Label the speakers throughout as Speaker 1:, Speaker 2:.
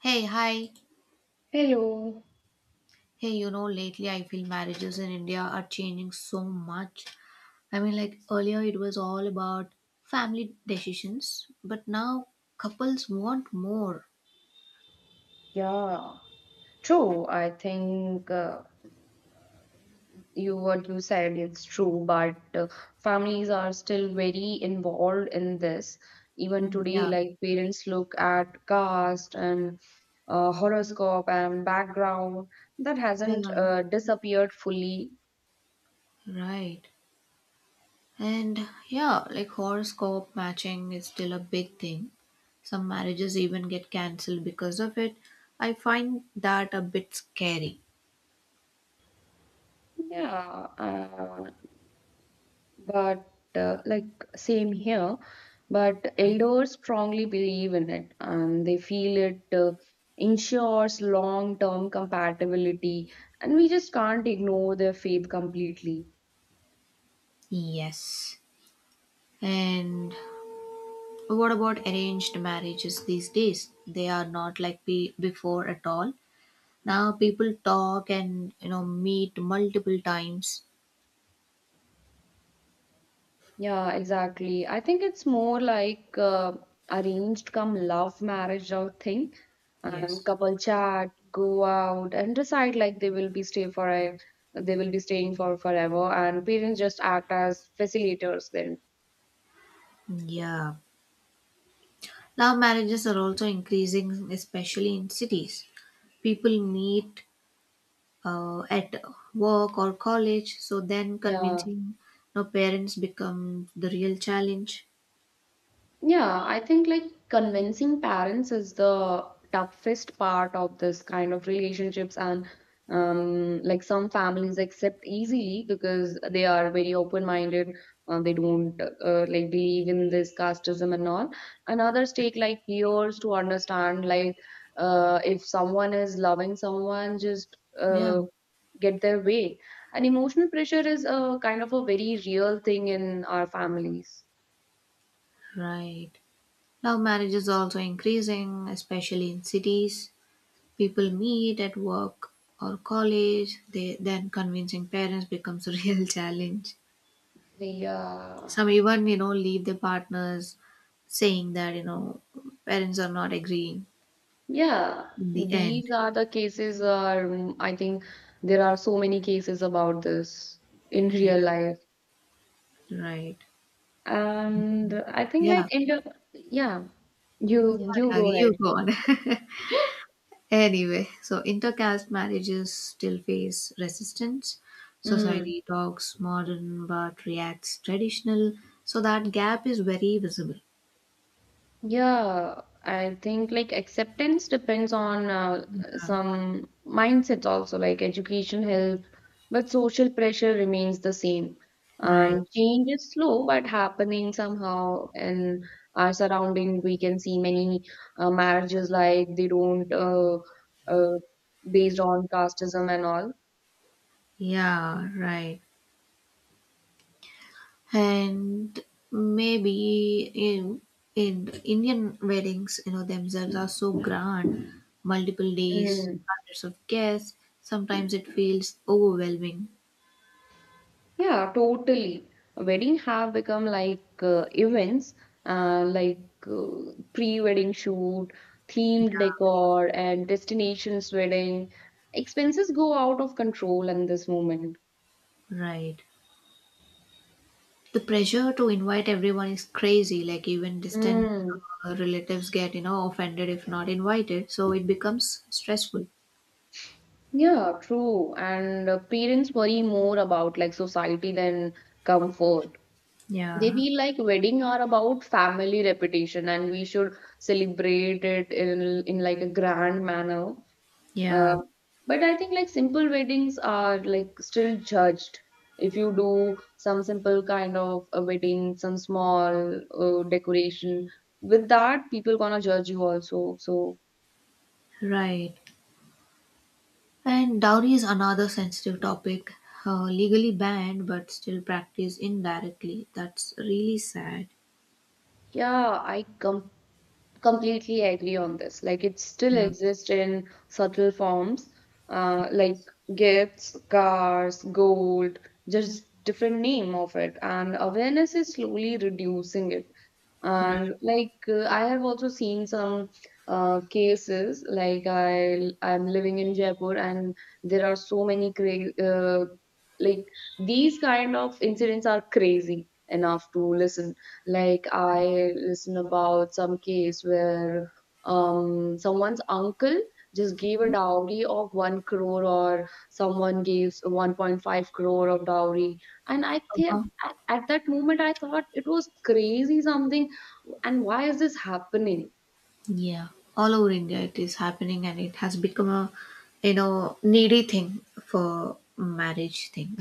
Speaker 1: Hey, hi.
Speaker 2: Hello.
Speaker 1: Hey, lately I feel marriages in India are changing so much. I mean, like earlier it was all about family decisions, but now couples want more.
Speaker 2: Yeah, true. I think you what you said it's true, but families are still very involved in this. Even
Speaker 1: Mm.
Speaker 2: today,
Speaker 1: Yeah,
Speaker 2: like parents look at caste and horoscope and background that
Speaker 1: yeah,
Speaker 2: hasn't disappeared fully.
Speaker 1: right. And yeah, like horoscope matching is still a big thing. Some marriages even get cancelled because of it. I find that a bit scary.
Speaker 2: Yeah, but like Same here, but elders strongly believe in it and they feel it ensures long term compatibility, and we just can't ignore their faith completely.
Speaker 1: Yes. And But what about arranged marriages these days? They are not like before at all. Now people talk and meet multiple times.
Speaker 2: Yeah, exactly. I think it's more like arranged come love marriage out thing, and
Speaker 1: Yes.
Speaker 2: couple chat go out and decide like they will be staying for forever, and parents just act as facilitators then.
Speaker 1: Yeah. Love marriages are also increasing, especially in cities. People meet at work or college, so then
Speaker 2: Yeah.
Speaker 1: convincing parents become the real challenge.
Speaker 2: Yeah, I think like convincing parents is the toughest part of this kind of relationships, and like some families accept easily because they are very open-minded and they don't like believe in this casteism and all, and others take like years to understand like if someone is loving someone just
Speaker 1: Yeah,
Speaker 2: get their way. And emotional pressure is a kind of a very real thing in our families.
Speaker 1: right. Love marriages are also increasing, especially in cities. People meet at work or college, they then convincing parents becomes a real challenge.
Speaker 2: Yeah.
Speaker 1: Some even leave their partners saying that parents are not agreeing
Speaker 2: Yeah,
Speaker 1: in the end.
Speaker 2: these are the cases are I think there are so many cases about this in
Speaker 1: Yeah.
Speaker 2: real life.
Speaker 1: Right.
Speaker 2: And I think like
Speaker 1: Yeah. Yeah,
Speaker 2: you
Speaker 1: yeah,
Speaker 2: go
Speaker 1: you
Speaker 2: ahead.
Speaker 1: go on. Anyway, so intercaste marriages still face resistance. Society talks modern but reacts traditional, so that gap is very visible.
Speaker 2: Yeah, I think like acceptance depends on some mindsets also, like education help, but social pressure remains the same.
Speaker 1: Right.
Speaker 2: And change is slow but happening somehow. In our surrounding, we can see many marriages like they don't uh, based on casteism and all.
Speaker 1: Yeah, right. And maybe in Indian weddings, themselves are so grand, multiple days,
Speaker 2: Mm.
Speaker 1: hundreds of guests. Sometimes it feels overwhelming,
Speaker 2: Yeah, totally. Wedding have become like events, uh, like pre-wedding shoot, themed decor, and destinations wedding. Expenses go out of control in this moment.
Speaker 1: right? The pressure to invite everyone is crazy. Like even distant
Speaker 2: Mm.
Speaker 1: relatives get offended if not invited. So it becomes stressful.
Speaker 2: Yeah, true. And parents worry more about like society than comfort. They
Speaker 1: Yeah,
Speaker 2: feel like wedding are about family reputation, and we should celebrate it in like a grand manner. Uh,
Speaker 1: yeah,
Speaker 2: but I think like simple weddings are like still judged. If you do some simple kind of a wedding, some small decoration, with that people gonna judge you also. So
Speaker 1: right. And dowry is another sensitive topic, legally banned but still practiced indirectly. That's really sad.
Speaker 2: yeah, I com completely agree on this. Like, it still
Speaker 1: Yeah,
Speaker 2: exists in subtle forms, like gifts, cars, gold, just different name of it. And awareness is slowly reducing it.
Speaker 1: right.
Speaker 2: And like, I have also seen some cases. Like, I'm living in Jaipur, and there are so many cra like these kind of incidents are crazy enough to listen. Like, I listen about some case where someone's uncle just gave a dowry of 1 crore, or someone gives 1.5 crore of dowry. And I
Speaker 1: Uh-huh.
Speaker 2: think at that moment I thought it was crazy something, and why is this happening?
Speaker 1: Yeah, all over India it is happening, and it has become a needy thing for marriage thing.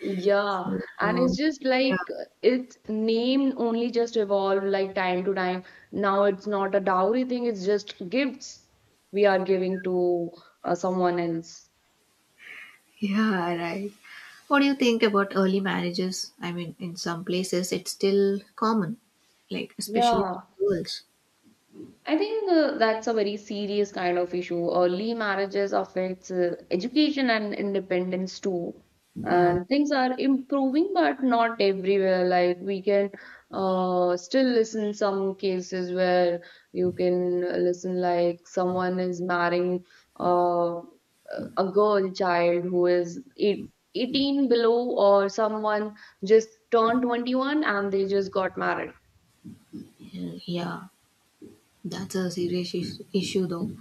Speaker 2: Yeah, and it's
Speaker 1: So,
Speaker 2: just
Speaker 1: yeah,
Speaker 2: like its name only just evolved like time to time. Now it's not a dowry thing, it's just gifts we are giving to someone else.
Speaker 1: yeah, right. What do you think about early marriages? I mean, in some places it's still common, like especially for
Speaker 2: Yeah,
Speaker 1: girls.
Speaker 2: I think that's a very serious kind of issue. Early marriages affects education and independence too.
Speaker 1: Yeah,
Speaker 2: And things are improving, but not everywhere. Like we can still listen some cases where you can listen like someone is marrying uh, a girl child who is eight, 18 below, or someone just turned 21 and they just got married.
Speaker 1: yeah, yeah. That's a serious issue, though.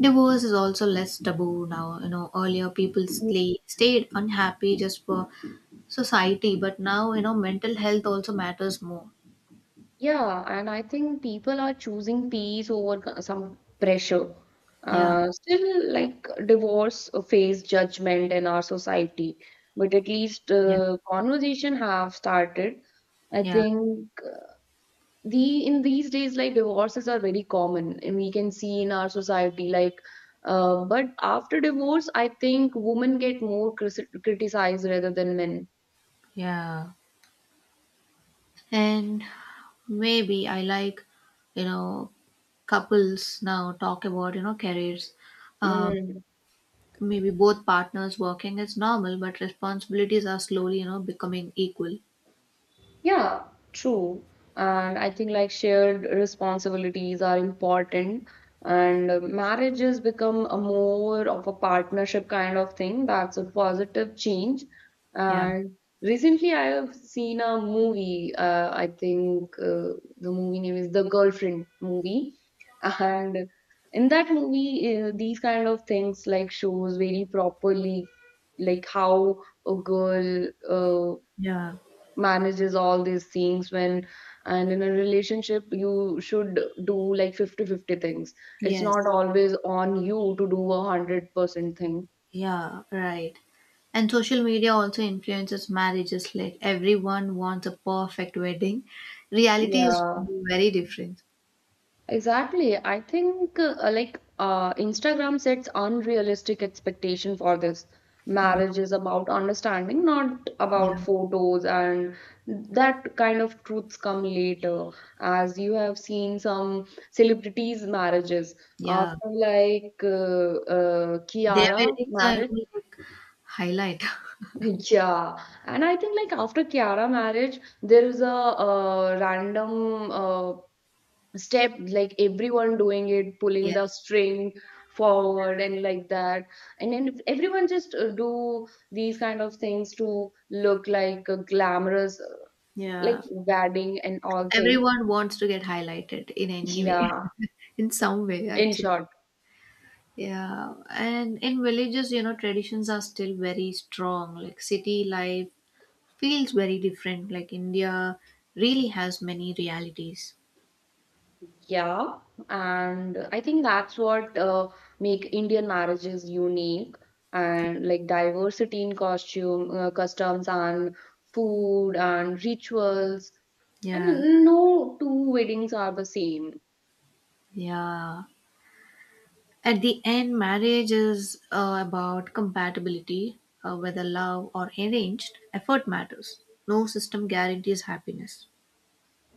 Speaker 1: Divorce is also less taboo now. Earlier people stayed unhappy just for society, but now mental health also matters more.
Speaker 2: Yeah, and I think people are choosing peace over some pressure.
Speaker 1: Yeah,
Speaker 2: Still, like divorce face judgment in our society, but at least
Speaker 1: yeah,
Speaker 2: conversation have started. I
Speaker 1: yeah,
Speaker 2: think the in these days, like divorces are very common, and we can see in our society. Like, but after divorce, I think women get more cris criticized rather than men.
Speaker 1: yeah, and maybe I, like, you know couples now talk about careers. Uh,
Speaker 2: Mm.
Speaker 1: Maybe both partners working is normal, but responsibilities are slowly becoming equal.
Speaker 2: Yeah, true. And I think like shared responsibilities are important. And marriage has become a more of a partnership kind of thing. That's a positive change.
Speaker 1: Yeah,
Speaker 2: And recently I have seen a movie. I think the movie name is The Girlfriend movie. And in that movie, these kind of things like shows very properly, like how a girl uh,
Speaker 1: yeah.
Speaker 2: manages all these things when, and in a relationship you should do like 50-50 things. It's not
Speaker 1: Yes.
Speaker 2: always on you to do a 100% thing.
Speaker 1: Yeah, right. And social media also influences marriages. Like everyone wants a perfect wedding. Reality is
Speaker 2: Yeah,
Speaker 1: very different.
Speaker 2: exactly. I think Instagram sets unrealistic expectation for this.
Speaker 1: Mm,
Speaker 2: Marriage is about understanding, not
Speaker 1: yeah,
Speaker 2: about photos, and that kind of truths come later. As you have seen some celebrities' marriages
Speaker 1: yeah.
Speaker 2: after like
Speaker 1: Their
Speaker 2: Kiara
Speaker 1: weddings are
Speaker 2: marriage.
Speaker 1: only like highlight.
Speaker 2: Yeah, and I think like after Kiara marriage, there is a random step like everyone doing it, pulling the
Speaker 1: Yes.
Speaker 2: string forward and like that. And then if everyone just do these kind of things to look like a glamorous like
Speaker 1: Yeah.
Speaker 2: wedding and all thing.
Speaker 1: Everyone wants to get highlighted in any way,
Speaker 2: Yeah,
Speaker 1: in some way,
Speaker 2: in
Speaker 1: actually.
Speaker 2: short.
Speaker 1: Yeah. And in villages, traditions are still very strong. Like city life feels very different. Like India really has many realities.
Speaker 2: Yeah, and I think that's what make Indian marriages unique, and like diversity in costume customs and food and rituals,
Speaker 1: Yeah,
Speaker 2: and no two weddings are the same.
Speaker 1: yeah. At the end, marriage is about compatibility, whether love or arranged. Effort matters. No system guarantees happiness.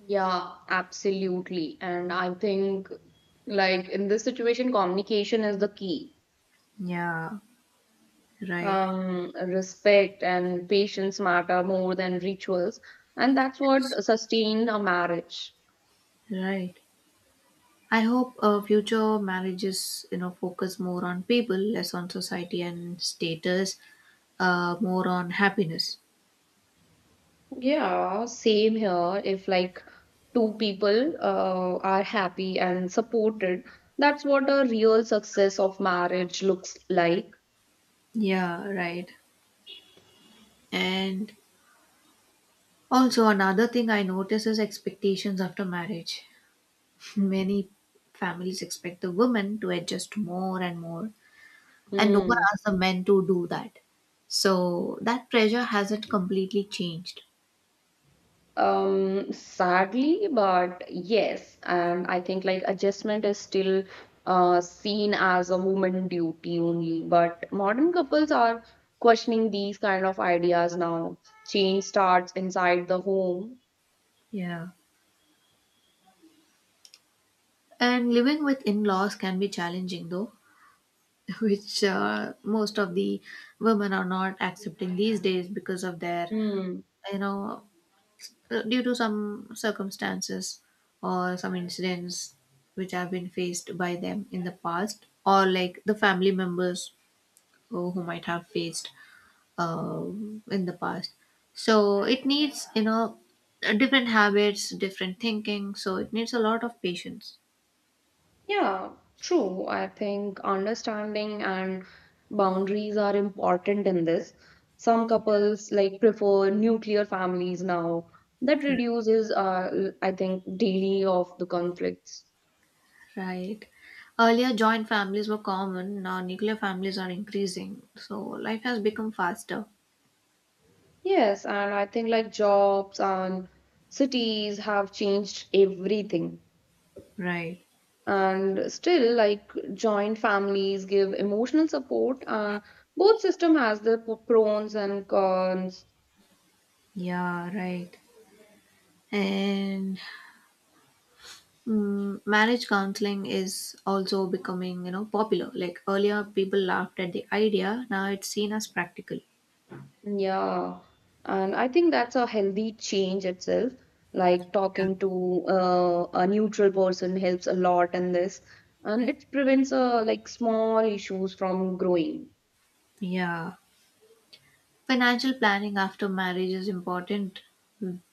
Speaker 2: Yeah, absolutely. And I think, like, in this situation, communication is the key.
Speaker 1: Yeah, right,
Speaker 2: Respect and patience matter more than rituals, and that's what sustain a marriage.
Speaker 1: right. I hope future marriages focus more on people, less on society and status, more on happiness.
Speaker 2: Yeah, same here. If, like, two people are happy and supported, that's what a real success of marriage looks like.
Speaker 1: Yeah, right. And also another thing I notice is expectations after marriage. Many families expect the women to adjust more and more, and no one
Speaker 2: Hmm.
Speaker 1: asks the men to do that. So that pressure hasn't completely changed.
Speaker 2: Sadly, but yes, and I think like adjustment is still seen as a woman duty only. But modern couples are questioning these kind of ideas now. Change starts inside the home.
Speaker 1: Yeah. And living with in laws can be challenging though, which most of the women are not accepting these days because of
Speaker 2: Hmm.
Speaker 1: you know, due to some circumstances or some incidents which have been faced by them in the past, or like the family members who might have faced in the past. So it needs different habits, different thinking. So it needs a lot of patience.
Speaker 2: Yeah, true. I think understanding and boundaries are important in this. Some couples like prefer nuclear families now. That reduces, I think, daily of the conflicts.
Speaker 1: Right. Earlier, joint families were common. Now, nuclear families are increasing. So life has become faster.
Speaker 2: Yes, and I think like jobs and cities have changed everything.
Speaker 1: Right.
Speaker 2: And still, like joint families give emotional support. Both system has the pros and cons.
Speaker 1: Yeah, right. And marriage counseling is also becoming popular. Like earlier, people laughed at the idea. Now it's seen as practical.
Speaker 2: Yeah, and I think that's a healthy change itself. Like
Speaker 1: Yeah.
Speaker 2: talking to a neutral person helps a lot in this, and it prevents like small issues from growing.
Speaker 1: Yeah. Financial planning after marriage is important.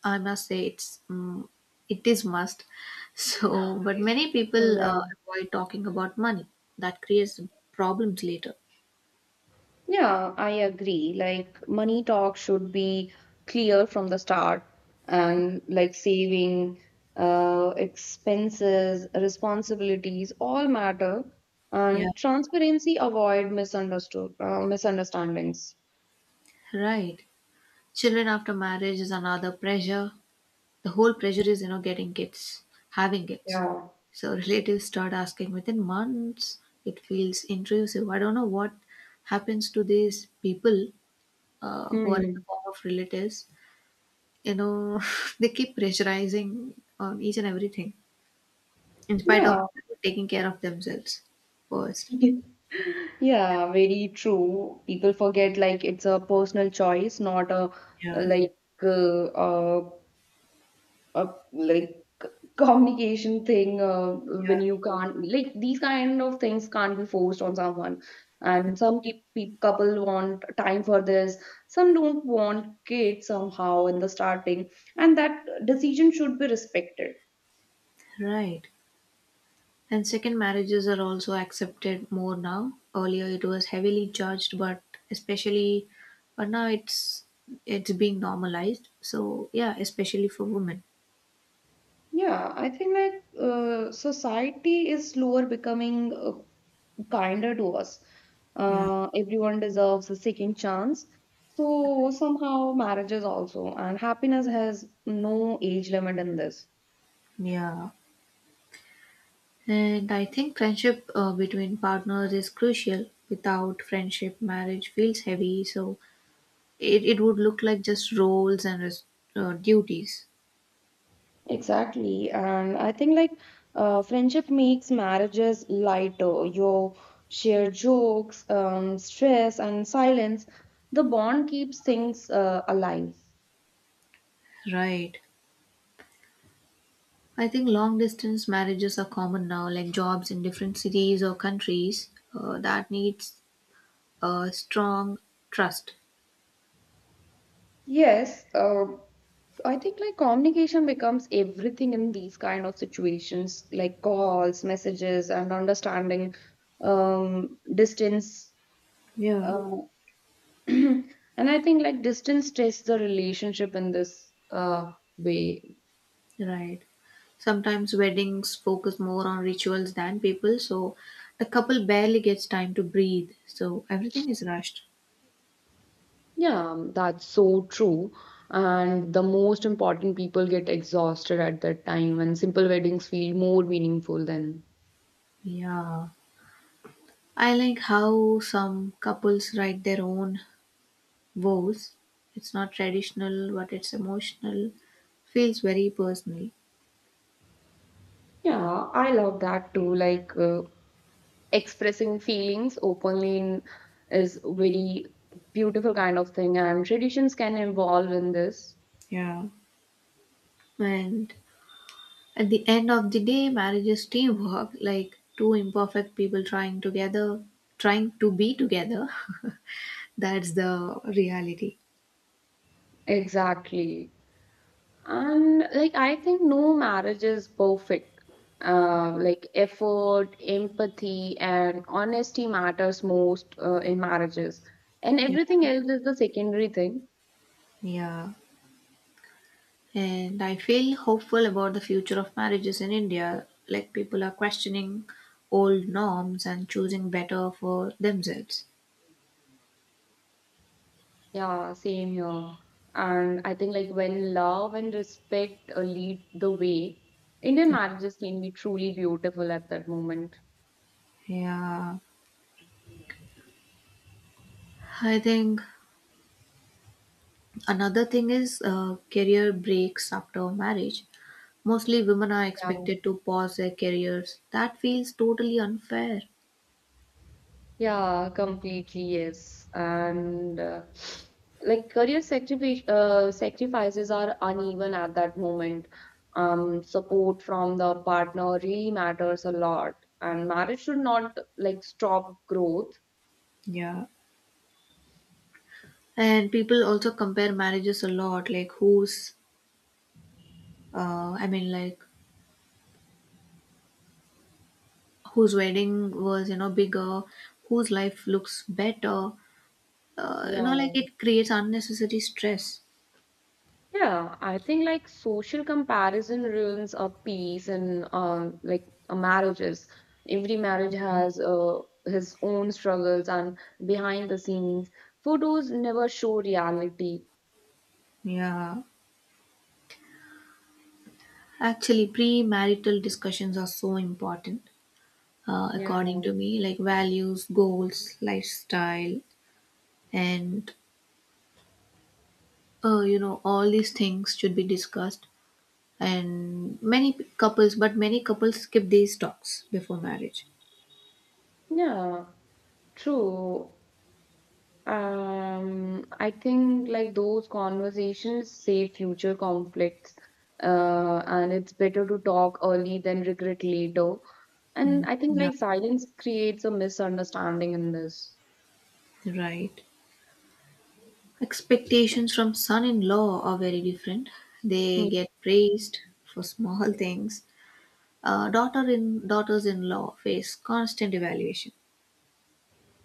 Speaker 1: I must say it is must. So, but many people
Speaker 2: Yeah.
Speaker 1: avoid talking about money. That creates problems later.
Speaker 2: Yeah, I agree. Like money talk should be clear from the start, and like saving, expenses, responsibilities all matter,
Speaker 1: Yeah.
Speaker 2: and transparency avoid misunderstood misunderstandings.
Speaker 1: Right. Children after marriage is another pressure. The whole pressure is getting kids, having kids.
Speaker 2: Yeah.
Speaker 1: So relatives start asking within months. It feels intrusive. I don't know what happens to these people who are in
Speaker 2: Hmm.
Speaker 1: the form of relatives. You know, they keep pressurizing on each and everything in spite of
Speaker 2: Yeah.
Speaker 1: taking care of themselves first.
Speaker 2: Yeah, very true. People forget like it's a personal choice, not a
Speaker 1: Yeah,
Speaker 2: like uh, uh, a like c- communication thing when you can't like these kind of things can't be forced on someone. And pe couple want time for this, some don't want kids somehow in the starting, and that decision should be respected.
Speaker 1: yeah, right. And second marriages are also accepted more now. Earlier it was heavily judged, especially, but now it's being normalized. So yeah, especially for women.
Speaker 2: Yeah, I think like society is slower becoming kinder to us.
Speaker 1: Yeah,
Speaker 2: Everyone deserves a second chance. So somehow marriages also, and happiness has no age limit in this.
Speaker 1: yeah. And I think friendship between partners is crucial. Without friendship, marriage feels heavy. So it would look like just roles and duties.
Speaker 2: Exactly, and I think like friendship makes marriages lighter. You share jokes, stress, and silence. The bond keeps things alive.
Speaker 1: Right. I think long distance marriages are common now, like jobs in different cities or countries that needs a strong trust.
Speaker 2: Yes, I think like communication becomes everything in these kind of situations, like calls, messages, and understanding distance.
Speaker 1: Yeah.
Speaker 2: Um, and I think like distance tests the relationship in this way.
Speaker 1: Right. Sometimes weddings focus more on rituals than people, so the couple barely gets time to breathe, so everything is rushed.
Speaker 2: Yeah, that's so true. And the most important people get exhausted at that time, and simple weddings feel more meaningful then.
Speaker 1: Yeah. I like how some couples write their own vows, it's not traditional, but it's emotional, feels very personal.
Speaker 2: Yeah, I love that too. Like, expressing feelings openly in, is very beautiful kind of thing, and traditions can evolve in this.
Speaker 1: Yeah. And at the end of the day, marriage is teamwork, like two imperfect people trying together, trying to be together. That's the reality.
Speaker 2: Exactly, and like I think no marriage is perfect. Like effort, empathy and honesty matters most in marriages, and
Speaker 1: Yeah.
Speaker 2: everything else is the secondary thing.
Speaker 1: Yeah. And I feel hopeful about the future of marriages in India. Like people are questioning old norms and choosing better for themselves.
Speaker 2: Yeah, same here. And I think like when love and respect lead the way, Indian
Speaker 1: Yeah.
Speaker 2: marriages can be truly beautiful at that moment.
Speaker 1: Yeah. I think another thing is career breaks after marriage. Mostly women are
Speaker 2: Yeah,
Speaker 1: expected to pause their careers. That feels totally unfair.
Speaker 2: yeah, completely yes. And like sacrifices are uneven at that moment. Support from the partner really matters a lot, and marriage should not like stop growth.
Speaker 1: Yeah. And people also compare marriages a lot, like whose, I mean, like whose wedding was bigger, whose life looks better. Like
Speaker 2: Yeah.
Speaker 1: it creates unnecessary stress.
Speaker 2: Yeah, I think like social comparison ruins a peace, and like a marriages. Every marriage has his own struggles and behind the scenes. Photos never show reality.
Speaker 1: Yeah. Actually, pre-marital discussions are so important. uh,
Speaker 2: Yeah.
Speaker 1: according to me, like, values, goals, lifestyle, and all these things should be discussed, and many couples skip these talks before marriage.
Speaker 2: Yeah, true. I think like those conversations save future conflicts, and it's better to talk early than regret later. And
Speaker 1: Mm.
Speaker 2: I think
Speaker 1: Yeah.
Speaker 2: like silence creates a misunderstanding in this.
Speaker 1: Right, expectations from son-in-law are very different, they get praised for small things, daughters-in-law face constant evaluation.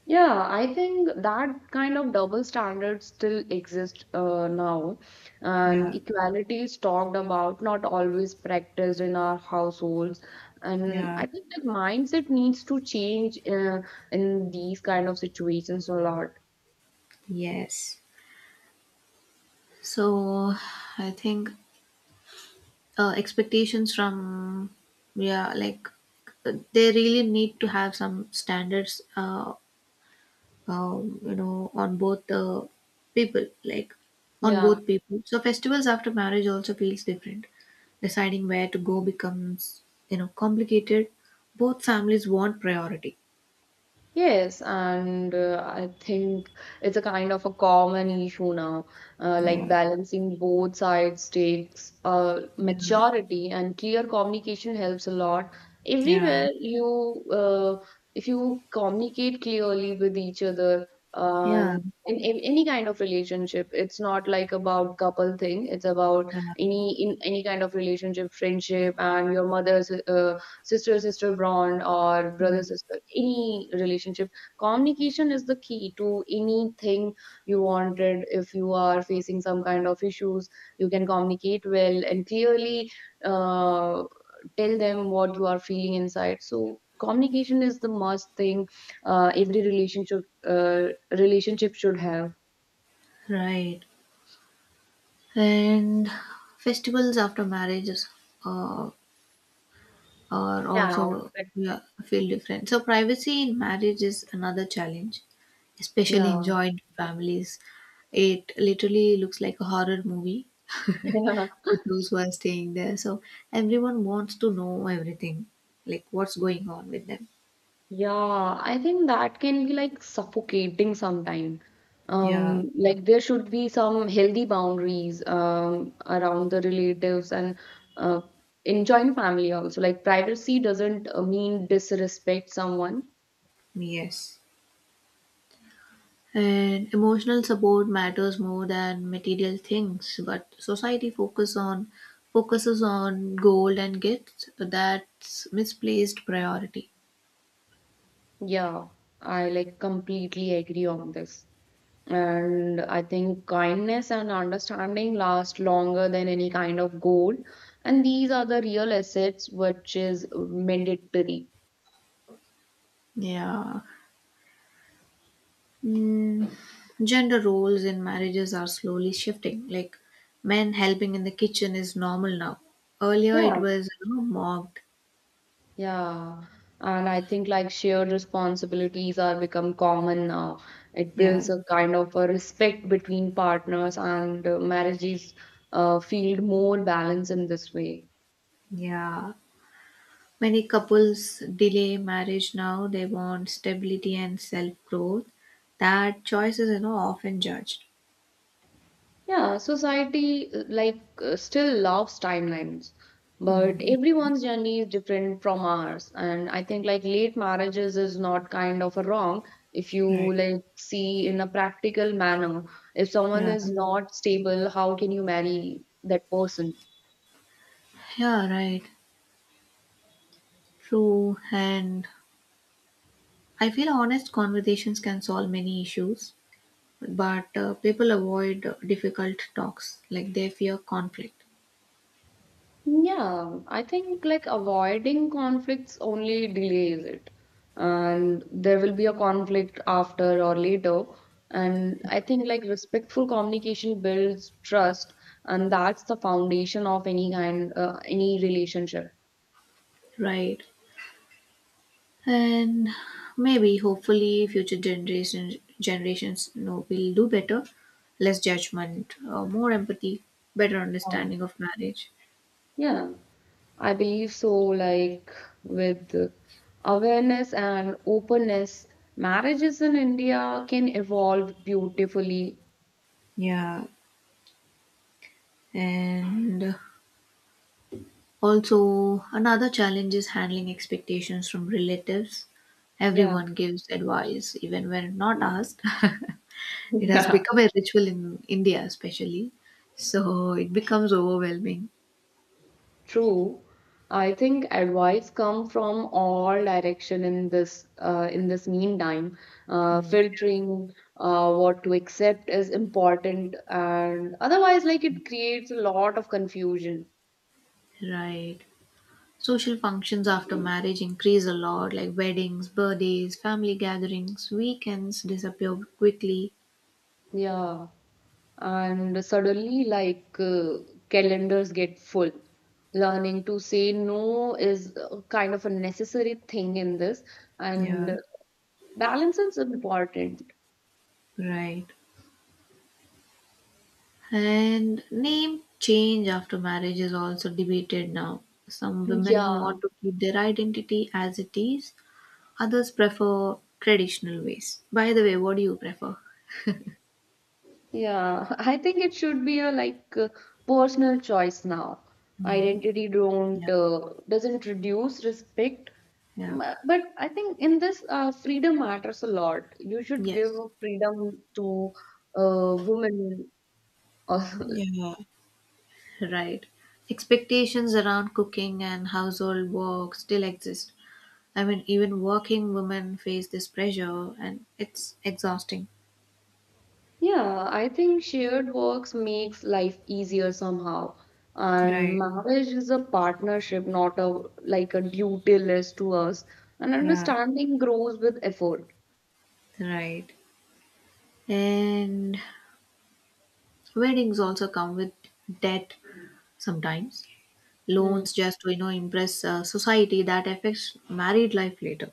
Speaker 2: Yeah, I think that kind of double standard still exists now, and
Speaker 1: Yeah.
Speaker 2: equality is talked about, not always practiced in our households. And
Speaker 1: Yeah.
Speaker 2: I think that mindset needs to change in these kind of situations a lot.
Speaker 1: Yes. So I think expectations from, yeah, like, they really need to have some standards, on both the people, like, on
Speaker 2: Yeah.
Speaker 1: both people. So festivals after marriage also feels different, deciding where to go becomes complicated, both families want priority.
Speaker 2: Yes, and I think it's a kind of a common issue now, like
Speaker 1: Yeah.
Speaker 2: balancing both sides takes
Speaker 1: Yeah.
Speaker 2: maturity, and clear communication helps a lot.
Speaker 1: Yeah,
Speaker 2: Everywhere you, if you communicate clearly with each other,
Speaker 1: yeah,
Speaker 2: and in any kind of relationship, it's not like about couple thing. It's about
Speaker 1: yeah,
Speaker 2: any in any kind of relationship, friendship, and your mother's sister bond or brother sister any relationship, communication is the key to anything you wanted. If you are facing some kind of issues, you can communicate well and clearly, uh, tell them what you are feeling inside. So communication is the must thing every relationship uh, relationship should have.
Speaker 1: right. Right. And festivals after marriage is, uh, or
Speaker 2: Yeah, now
Speaker 1: also,
Speaker 2: but
Speaker 1: yeah, feel different. So privacy in marriage is another challenge, especially in
Speaker 2: yeah.
Speaker 1: joint families. It literally looks like a horror movie for those who are staying there. So everyone wants to know everything, like what's going on with them.
Speaker 2: Yeah, I think that can be like suffocating sometimes.
Speaker 1: Yeah,
Speaker 2: Like there should be some healthy boundaries around the relatives and uh, in joint family also. Like privacy doesn't mean disrespect someone.
Speaker 1: yes. And emotional support matters more than material things, but society focuses on gold and gifts. So, that's misplaced priority.
Speaker 2: Yeah, I like completely agree on this. And I think kindness and understanding last longer than any kind of gold. And these are the real assets which is mandatory.
Speaker 1: Yeah. Mm, gender roles in marriages are slowly shifting. Like men helping in the kitchen is normal now. Earlier it
Speaker 2: Yeah.
Speaker 1: was mocked.
Speaker 2: Yeah. And I think like shared responsibilities are become common now. It
Speaker 1: Yeah.
Speaker 2: builds a kind of a respect between partners, and marriages feel more balanced in this way.
Speaker 1: Yeah. Many couples delay marriage now. They want stability and self growth. That choice is often judged.
Speaker 2: Yeah, society still loves timelines, but everyone's journey is different from ours. And I think like late marriages is not kind of a wrong if
Speaker 1: Right.
Speaker 2: you like see in a practical manner. If someone
Speaker 1: Yeah.
Speaker 2: is not stable, how can you marry that person?
Speaker 1: Yeah, right. True. And I feel honest conversations can solve many issues. But people avoid difficult talks like they fear conflict.
Speaker 2: Yeah, I think like avoiding conflicts only delays it. And there will be a conflict after or later. And I think like respectful communication builds trust, and that's the foundation of any kind, any relationship.
Speaker 1: Right. And maybe hopefully future generations will do better, less judgment, more empathy, better understanding
Speaker 2: Oh.
Speaker 1: of marriage.
Speaker 2: Yeah, I believe so. Like with awareness and openness, marriages in India can evolve beautifully.
Speaker 1: Yeah, and also another challenge is handling expectations from relatives,
Speaker 2: Yeah.
Speaker 1: everyone gives advice even when not asked. It has become a ritual in India, especially. So it becomes overwhelming.
Speaker 2: True. I think advice come from all direction in this meantime.
Speaker 1: Mm.
Speaker 2: Filtering what to accept is important, and otherwise, like it creates a lot of confusion.
Speaker 1: Right. Social functions after marriage increase a lot, like weddings, birthdays, family gatherings, weekends disappear quickly.
Speaker 2: Yeah, and suddenly, calendars get full. Learning to say no is kind of a necessary thing in this, and
Speaker 1: Yeah.
Speaker 2: balance is important.
Speaker 1: Right. And name change after marriage is also debated now. Some women
Speaker 2: Yeah.
Speaker 1: want to keep their identity as it is, others prefer traditional ways. By the way, what do you prefer?
Speaker 2: Yeah, I think it should be a personal choice now.
Speaker 1: Mm.
Speaker 2: Identity
Speaker 1: Yeah.
Speaker 2: don't doesn't reduce respect.
Speaker 1: Yeah.
Speaker 2: But I think in this freedom matters a lot. You should give
Speaker 1: Yes,
Speaker 2: freedom to women. Also.
Speaker 1: right. Expectations around cooking and household work still exist. I mean, even working women face this pressure and it's exhausting.
Speaker 2: Yeah, I think shared works makes life easier somehow. And
Speaker 1: Right,
Speaker 2: marriage is a partnership, not a like a duty list to us. And
Speaker 1: yeah,
Speaker 2: understanding grows with effort.
Speaker 1: right. And weddings also come with debt sometimes.
Speaker 2: Hmm.
Speaker 1: Loans just to impress society that affects married life later.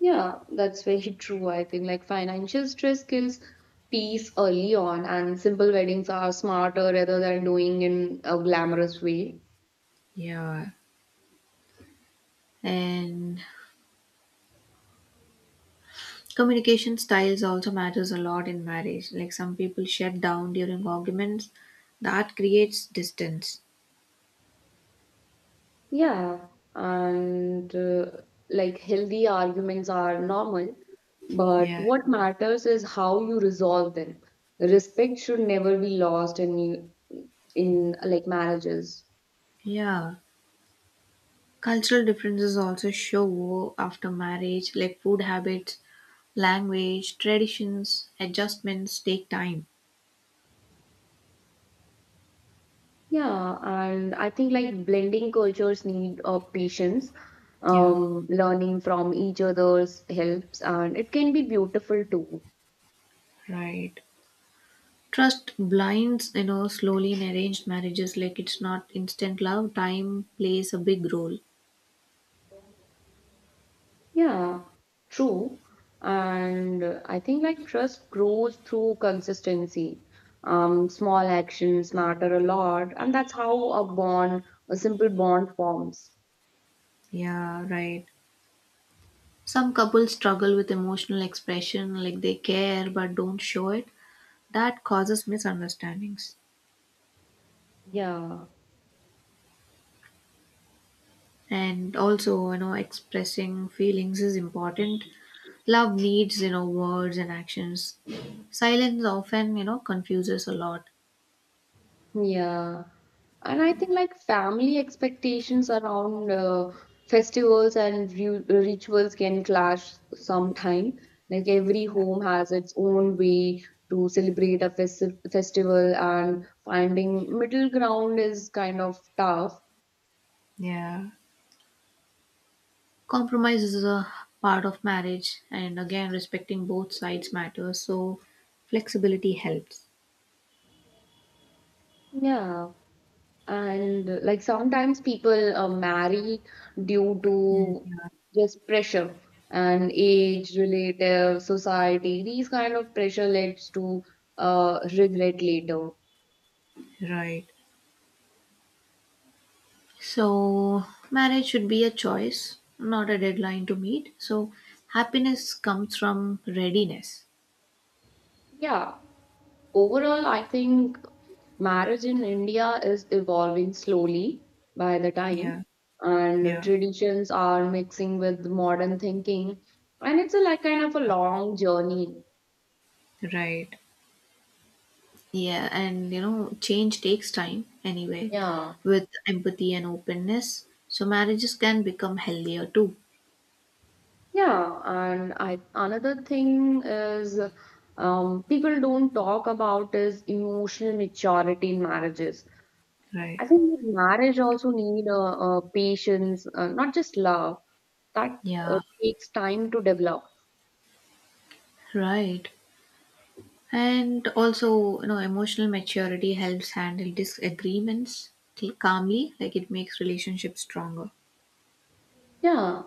Speaker 2: Yeah, that's very true. I think like financial stress kills peace early on, and simple weddings are smarter rather than doing in a glamorous way.
Speaker 1: Yeah. And communication styles also matters a lot in marriage. Like some people shut down during arguments, that creates distance.
Speaker 2: Yeah, and like healthy arguments are normal, but
Speaker 1: Yeah.
Speaker 2: what matters is how you resolve them. Respect should never be lost in like marriages.
Speaker 1: Yeah. Cultural differences also show after marriage, like food habits, language, traditions, adjustments take time.
Speaker 2: Yeah, and I think like blending cultures need patience.
Speaker 1: Yeah.
Speaker 2: Learning from each other's helps, and it can be beautiful too.
Speaker 1: Right. Trust blinds slowly in arranged marriages, like it's not instant love, time plays a big role.
Speaker 2: Yeah, true. And I think like trust grows through consistency. Small actions matter a lot, and that's how a bond, a simple bond forms.
Speaker 1: Yeah. Right. Some couples struggle with emotional expression, like they care but don't show it. That causes misunderstandings.
Speaker 2: Yeah.
Speaker 1: And also, expressing feelings is important. Love needs words and actions. Silence often confuses a lot.
Speaker 2: Yeah. And I think like family expectations around festivals and rituals can clash sometime. Like every home has its own way to celebrate a festival, and finding middle ground is kind of tough.
Speaker 1: Yeah. Compromise is a part of marriage, and again, respecting both sides matters. So, flexibility helps.
Speaker 2: Yeah. And like sometimes people marry due
Speaker 1: Mm.
Speaker 2: to just pressure and age, relative, society. These kind of pressure leads to regret later.
Speaker 1: Right. So, marriage should be a choice, not a deadline to meet. So, happiness comes from readiness.
Speaker 2: Yeah, overall, I think marriage in India is evolving slowly by the time,
Speaker 1: Yeah,
Speaker 2: and
Speaker 1: yeah,
Speaker 2: traditions are mixing with modern thinking, and it's a like kind of a long journey.
Speaker 1: yeah, right. Yeah, and change takes time anyway,
Speaker 2: Yeah.
Speaker 1: with empathy and openness. So, marriages can become healthier too.
Speaker 2: Yeah, and I another thing is people don't talk about is emotional maturity in marriages.
Speaker 1: Right.
Speaker 2: I think that marriage also need patience, not just love. That uh,
Speaker 1: Yeah,
Speaker 2: takes time to develop.
Speaker 1: right. And also, emotional maturity helps handle disagreements calmly, like it makes relationships stronger.
Speaker 2: Yeah,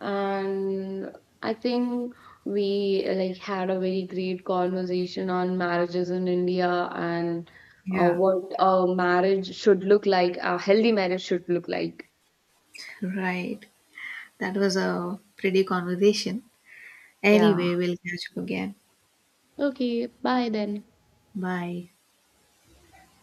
Speaker 2: and I think we like had a very great conversation on marriages in India and
Speaker 1: Yeah.
Speaker 2: what a marriage should look like, a healthy marriage should look like.
Speaker 1: Right. That was a pretty conversation.
Speaker 2: Yeah.
Speaker 1: Anyway, we'll catch up again.
Speaker 2: Okay, bye then.
Speaker 1: Bye.